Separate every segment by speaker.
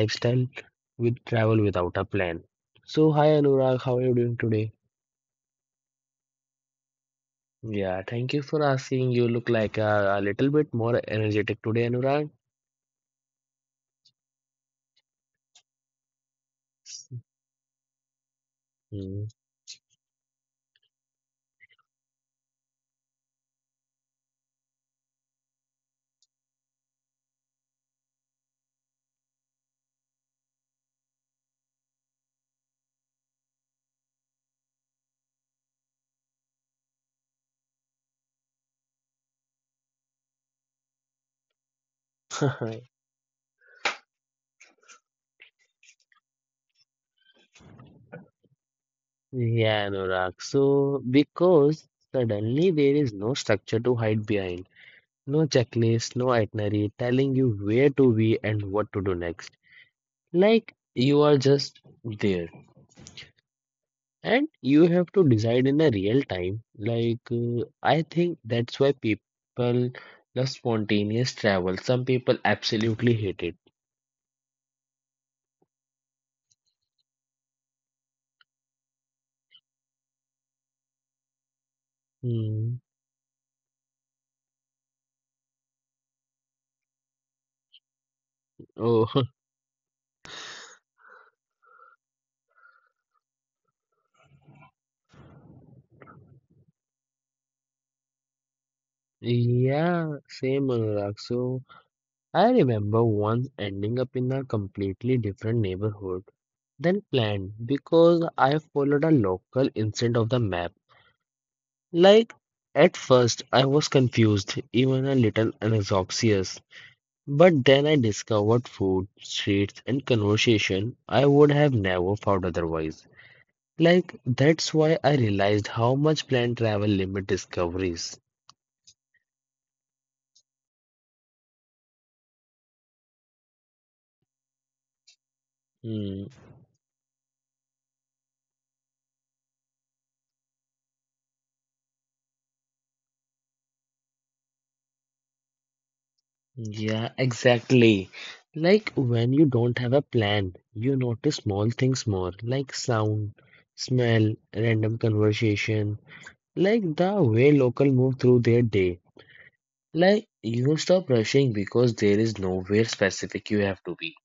Speaker 1: lifestyle with travel without a plan. So, hi Anurag, how are you doing today? Yeah, thank you for asking. You look like a little bit more energetic today, Anurag. Hmm. Yeah, Anurag. So, because suddenly there is no structure to hide behind, no checklist, no itinerary telling you where to be and what to do next. Like you are just there. And you have to decide in a real time. Like, I think that's why people love spontaneous travel. Some people absolutely hate it. Hmm. Oh, yeah, same, Anurag. So, I remember once ending up in a completely different neighborhood than planned because I followed a local instead of the map. Like, at first, I was confused, even a little anxious. But then I discovered food, streets, and conversation I would have never found otherwise. Like, that's why I realized how much plane travel limit discoveries. Hmm. Yeah, exactly. Like, when you don't have a plan, you notice small things more, like sound, smell, random conversation, like the way local move through their day. Like, you stop rushing because there is nowhere specific you have to be.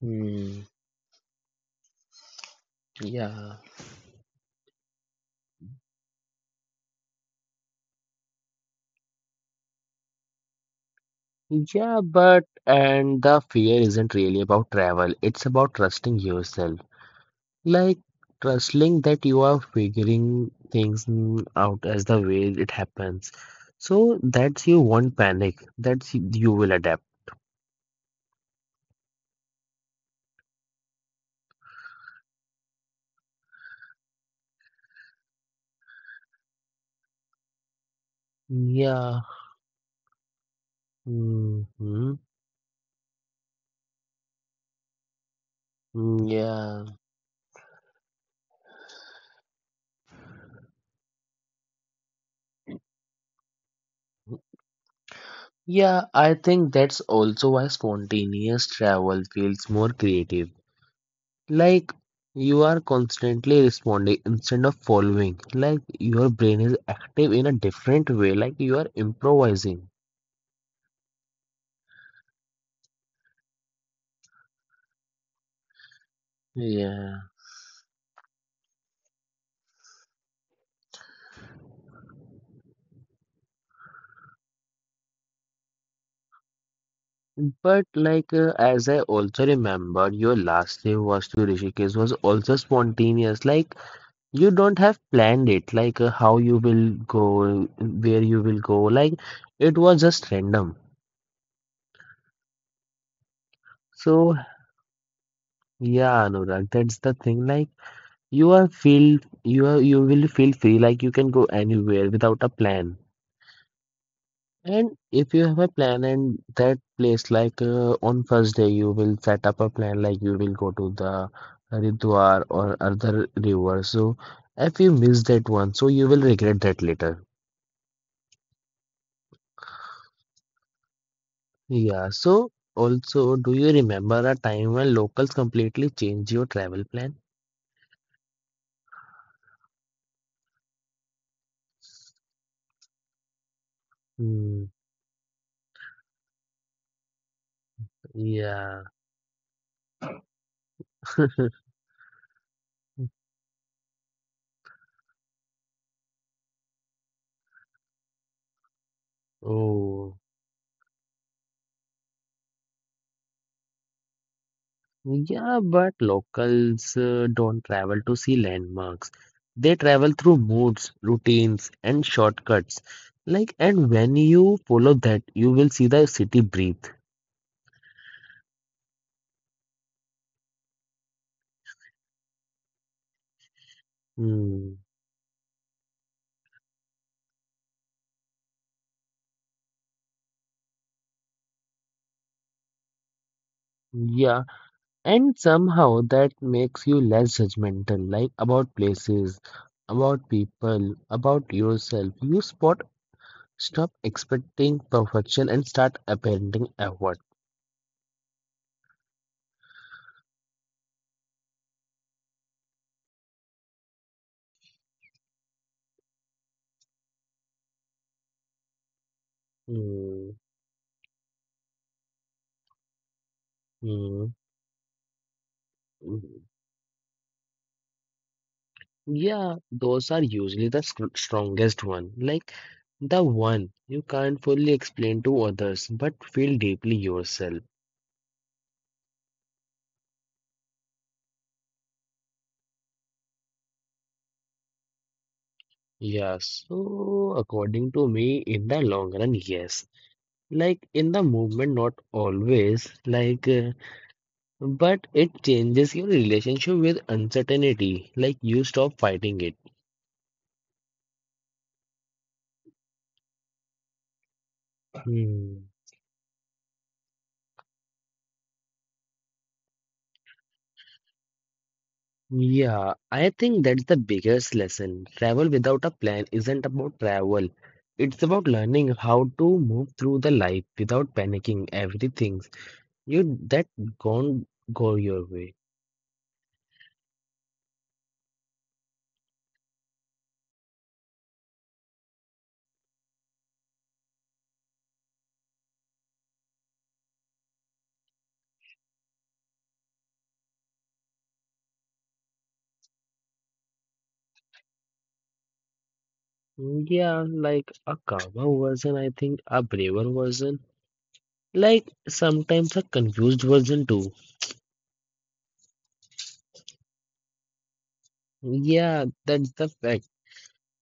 Speaker 1: Hmm. Yeah. Yeah, but and the fear isn't really about travel, it's about trusting yourself. Like trusting that you are figuring things out as the way it happens. So that's you won't panic. That's you will adapt. Yeah. hmm Yeah. Yeah, I think that's also why spontaneous travel feels more creative. Like you are constantly responding instead of following. Like your brain is active in a different way. Like you are improvising. Yeah. But like as I also remember, your last trip was to Rishikesh was also spontaneous. Like you don't have planned it. Like how you will go, where you will go. Like it was just random. So yeah, Anurag, that's the thing. Like. You are feel you will feel free like you can go anywhere without a plan. And if you have a plan and that place like on first day you will set up a plan like you will go to the Haridwar or other river. So if you miss that one, so you will regret that later. Yeah. So also, do you remember a time when locals completely changed your travel plan? Hmm, yeah. Oh. Yeah, but locals don't travel to see landmarks. They travel through moods, routines, and shortcuts. Like, and when you follow that, you will see the city breathe. Hmm. Yeah, and somehow that makes you less judgmental, like about places, about people, about yourself. You spot, stop expecting perfection and start apprehending effort. Hmm. Hmm. hmm. Yeah, those are usually the strongest one, like the one you can't fully explain to others but feel deeply yourself. Yeah, so according to me, in the long run, yes. Like in the movement, not always, like, but it changes your relationship with uncertainty, like you stop fighting it. Hmm. Yeah, I think that's the biggest lesson. Travel without a plan isn't about travel. It's about learning how to move through the life without panicking everything you that gone go your way. Yeah, like a calmer version, I think, a braver version, like sometimes a confused version too. Yeah, that's the fact.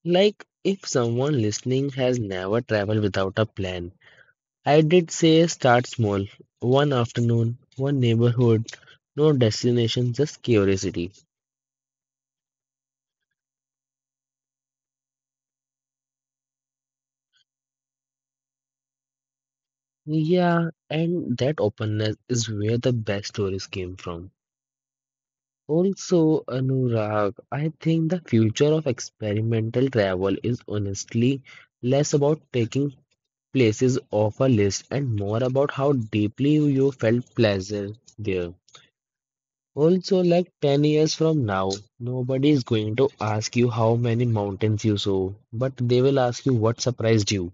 Speaker 1: Like if someone listening has never traveled without a plan. I did say start small. One afternoon, one neighborhood, no destination, just curiosity. Yeah, and that openness is where the best stories came from. Also, Anurag, I think the future of experimental travel is honestly less about taking places off a list and more about how deeply you felt pleasure there. Also, like 10 years from now, nobody is going to ask you how many mountains you saw, but they will ask you what surprised you,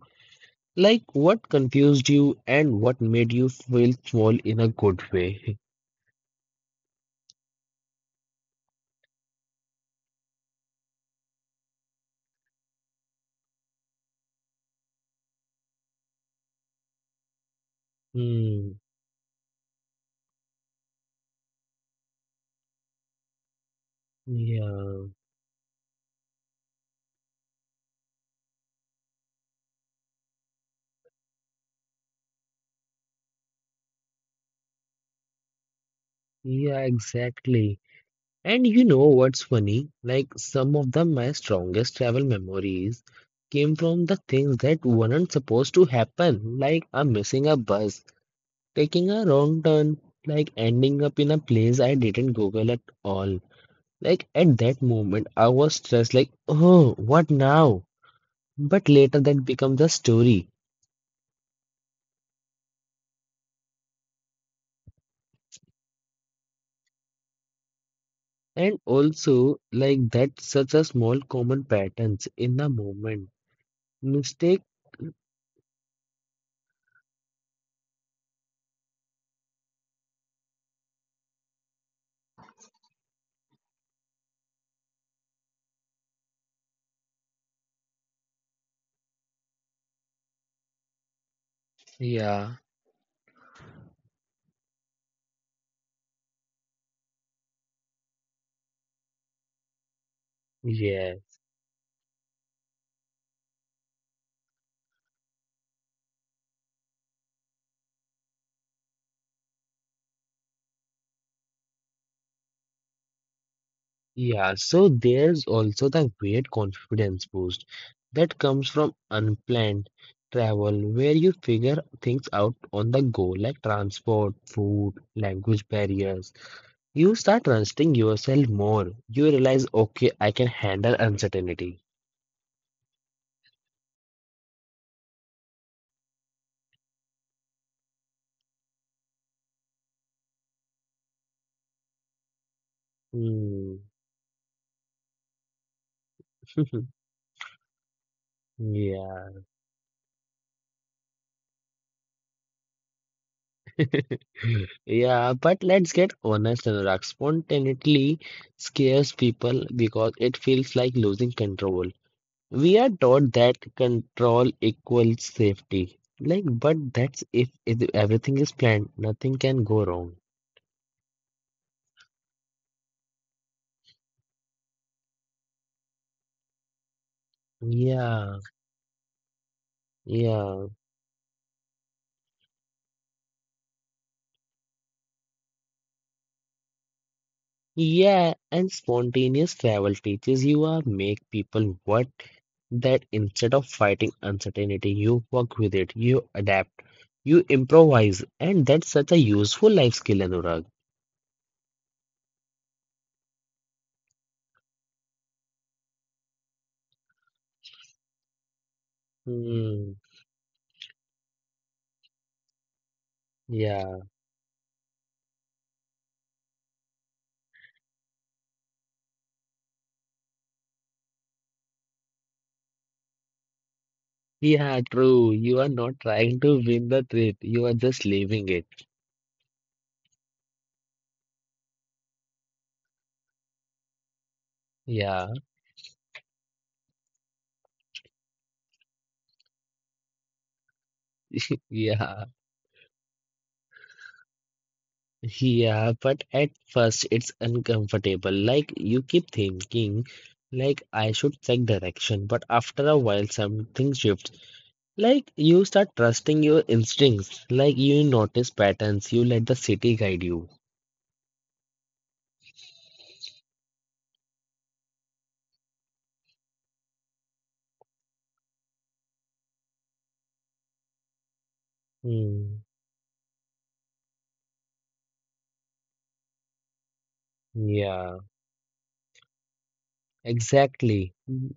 Speaker 1: like what confused you, and what made you feel small in a good way. Hmm. Yeah. Yeah, exactly. And you know what's funny? Like some of the my strongest travel memories came from the things that weren't supposed to happen, like I'm missing a bus taking a wrong turn, like ending up in a place I didn't Google at all. Like at that moment, I was stressed, like, oh, what now? But later that becomes a story. And also, like that, such a small common patterns in the moment. Mistake, yeah, yeah. Yeah, so there's also the great confidence boost that comes from unplanned travel where you figure things out on the go, like transport, food, language barriers. You start trusting yourself more. You realize, okay, I can handle uncertainty. Hmm. Yeah. Yeah, but let's get honest, Anurag. Spontaneity scares people because it feels like losing control. We are taught that control equals safety. Like, but that's if everything is planned, nothing can go wrong. Yeah, yeah, yeah. And spontaneous travel teaches you are make people what that instead of fighting uncertainty, you work with it, you adapt, you improvise, and that's such a useful life skill, Anurag. Hmm. Yeah, yeah, true. You are not trying to win the trip, you are just living it. Yeah. Yeah, yeah, but at first it's uncomfortable. Like you keep thinking, like I should check direction, but after a while something shifts. Like you start trusting your instincts, like you notice patterns, you let the city guide you. Hmm. Yeah, exactly. Mm,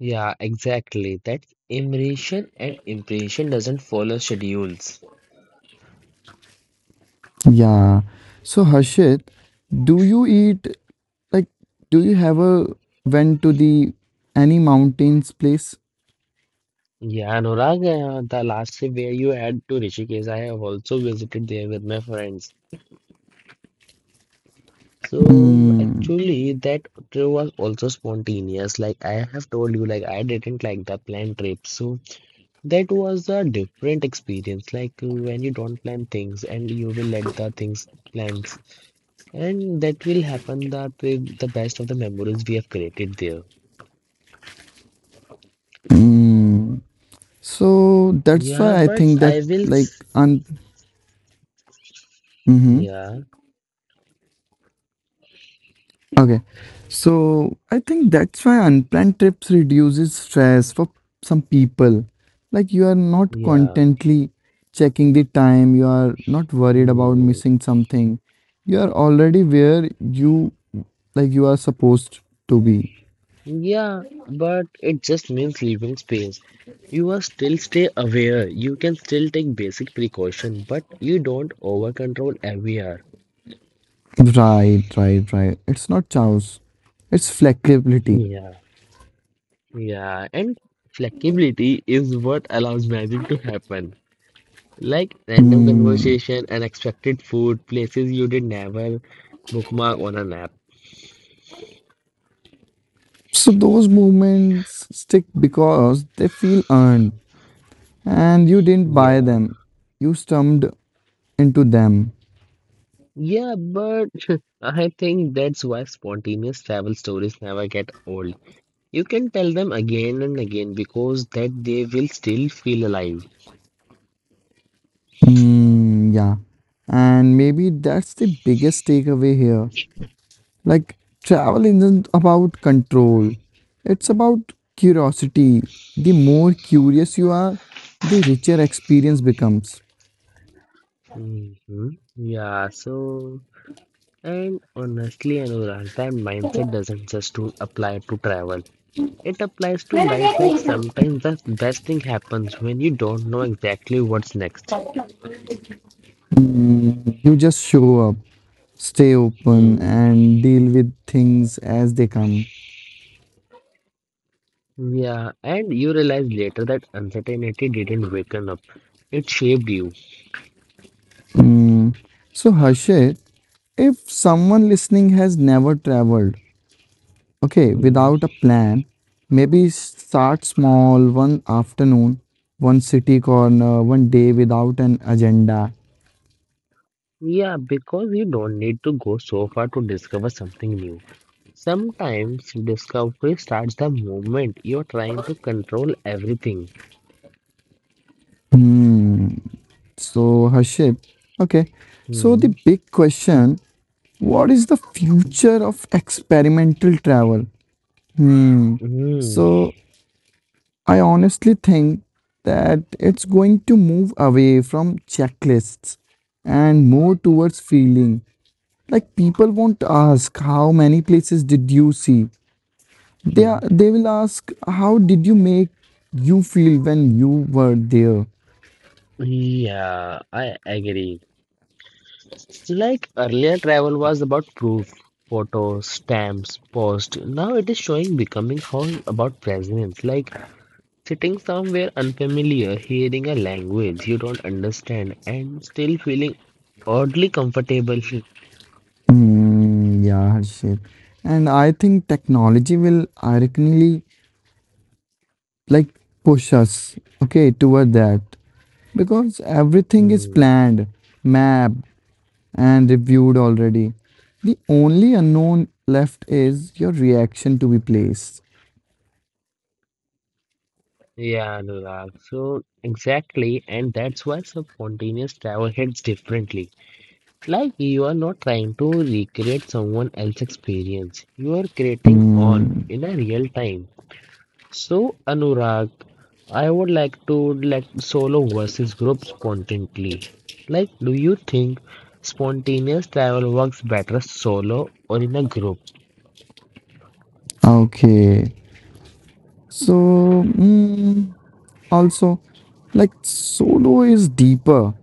Speaker 1: yeah, exactly. That immersion and impression doesn't follow schedules.
Speaker 2: Yeah. So Harshit, do you eat like do you have a went to the any mountains place?
Speaker 1: Yeah, Anurag, the last trip where you had to Rishikesh, I have also visited there with my friends. So
Speaker 2: Mm,
Speaker 1: actually, that trip was also spontaneous. Like I have told you, like I didn't like the planned trip. So that was a different experience. Like when you don't plan things and you will let the things plans, and that will happen that the best of the memories we have created there.
Speaker 2: mm. So that's
Speaker 1: Yeah,
Speaker 2: why I
Speaker 1: but
Speaker 2: think
Speaker 1: I
Speaker 2: that
Speaker 1: will.
Speaker 2: like un- Mhm.
Speaker 1: Yeah,
Speaker 2: Okay. So I think that's why unplanned trips reduces stress for some people. Like, you are not
Speaker 1: yeah.
Speaker 2: constantly checking the time, you are not worried about
Speaker 1: Hmm.
Speaker 2: missing something. You are already where you are supposed to be.
Speaker 1: Yeah, but it just means leaving space. You are still stay aware. You can still take basic precaution, but you don't over control every hour.
Speaker 2: Right, right, right. It's not chaos. It's flexibility.
Speaker 1: Yeah, yeah. And flexibility is what allows magic to happen. Like random
Speaker 2: Hmm.
Speaker 1: conversation, unexpected food, places you did never bookmark on an app.
Speaker 2: So those moments stick because they feel earned, and you didn't buy
Speaker 1: Yeah.
Speaker 2: them. You stumbled into them.
Speaker 1: Yeah, but I think that's why spontaneous travel stories never get old. You can tell them again and again because that they will still feel alive.
Speaker 2: Hmm, yeah. And maybe that's the biggest takeaway here. Like, travel isn't about control, it's about curiosity. The more curious you are, the richer experience becomes.
Speaker 1: Hmm Yeah, so and honestly, Anurag, that mindset doesn't just to apply to travel. It applies to life like sometimes the best thing happens when you don't know exactly what's next.
Speaker 2: You just show up, stay open,
Speaker 1: Hmm.
Speaker 2: and deal with things as they come.
Speaker 1: Yeah, and you realize later that uncertainty didn't waken up. It shaped you.
Speaker 2: Hmm. So, Harshit, if someone listening has never traveled, okay,
Speaker 1: Hmm.
Speaker 2: without a plan, maybe start small, one afternoon, one city corner, one day without an agenda.
Speaker 1: Yeah, because you don't need to go so far to discover something new. Sometimes discovery starts the moment you're trying to control everything.
Speaker 2: So, Harshit, okay. So, the
Speaker 1: Hmm.
Speaker 2: big question, what is the future of experimental travel? Hmm.
Speaker 1: Hmm.
Speaker 2: So, I honestly think that it's going to move away from checklists and more towards feeling. Like, people won't ask, how many places did you see? They are,
Speaker 1: hmm.
Speaker 2: they will ask, how did you make you feel when you were there?
Speaker 1: Yeah, I agree. Like earlier, travel was about proof, photos, stamps, post. Now it is showing becoming how about presence, like sitting somewhere unfamiliar, hearing a language you don't understand, and still feeling oddly comfortable.
Speaker 2: Mm, yeah, Harshit. And I think technology will ironically like push us, okay, toward that, because everything is
Speaker 1: Hmm.
Speaker 2: planned, mapped, and reviewed already. The only unknown left is your reaction to be placed.
Speaker 1: Yeah, Anurag. So exactly, and that's why spontaneous travel hits differently. Like you are not trying to recreate someone else's experience. You are creating on
Speaker 2: Hmm,
Speaker 1: in a real time. So Anurag, I would like to let solo versus group spontaneously. Like, do you think spontaneous travel works better solo or in a group?
Speaker 2: okay. So, mm, also, like, solo is deeper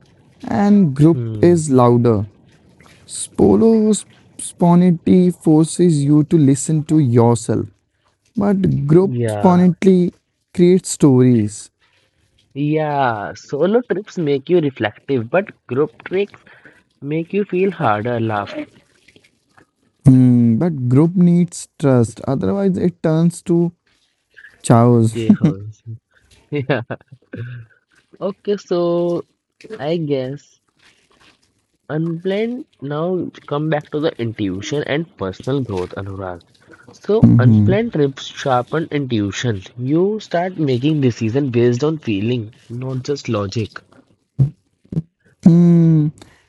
Speaker 2: and group
Speaker 1: Hmm.
Speaker 2: is louder. Solo spontaneity forces you to listen to yourself, but group
Speaker 1: Yeah.
Speaker 2: spontaneity creates stories.
Speaker 1: Yeah, solo trips make you reflective, but group trips make you feel harder. Laugh.
Speaker 2: Hmm, but group needs trust, otherwise, it turns to chaos.
Speaker 1: Okay, Hans. Yeah. Okay, so I guess unplanned now come back to the intuition and personal growth, Anurag. So unplanned trips sharpen intuition. You start making decisions based on feeling, not just logic.
Speaker 2: Hmm,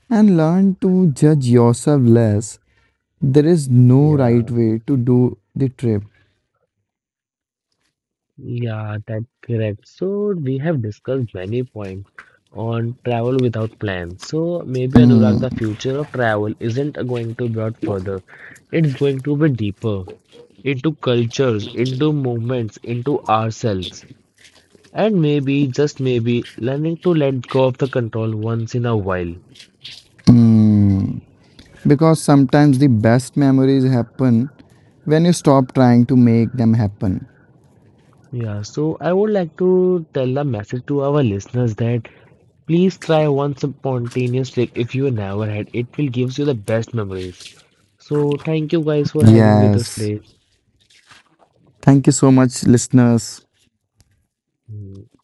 Speaker 2: and learn to judge yourself less. There is no right
Speaker 1: Yeah.
Speaker 2: way to do the trip.
Speaker 1: Yeah, that's correct. So we have discussed many points on travel without plans. So maybe Anurag, the future of travel isn't going to be out further. It's going to be deeper into cultures, into movements, into ourselves, and maybe just maybe learning to let go of the control once in a while.
Speaker 2: Hmm. Because sometimes the best memories happen when you stop trying to make them happen.
Speaker 1: Yeah, so I would like to tell the message to our listeners that please try one spontaneous trip if you never had. It will gives you the best memories. So thank you guys for having with us
Speaker 2: Yes.
Speaker 1: today.
Speaker 2: Thank you so much, listeners.
Speaker 1: Mm.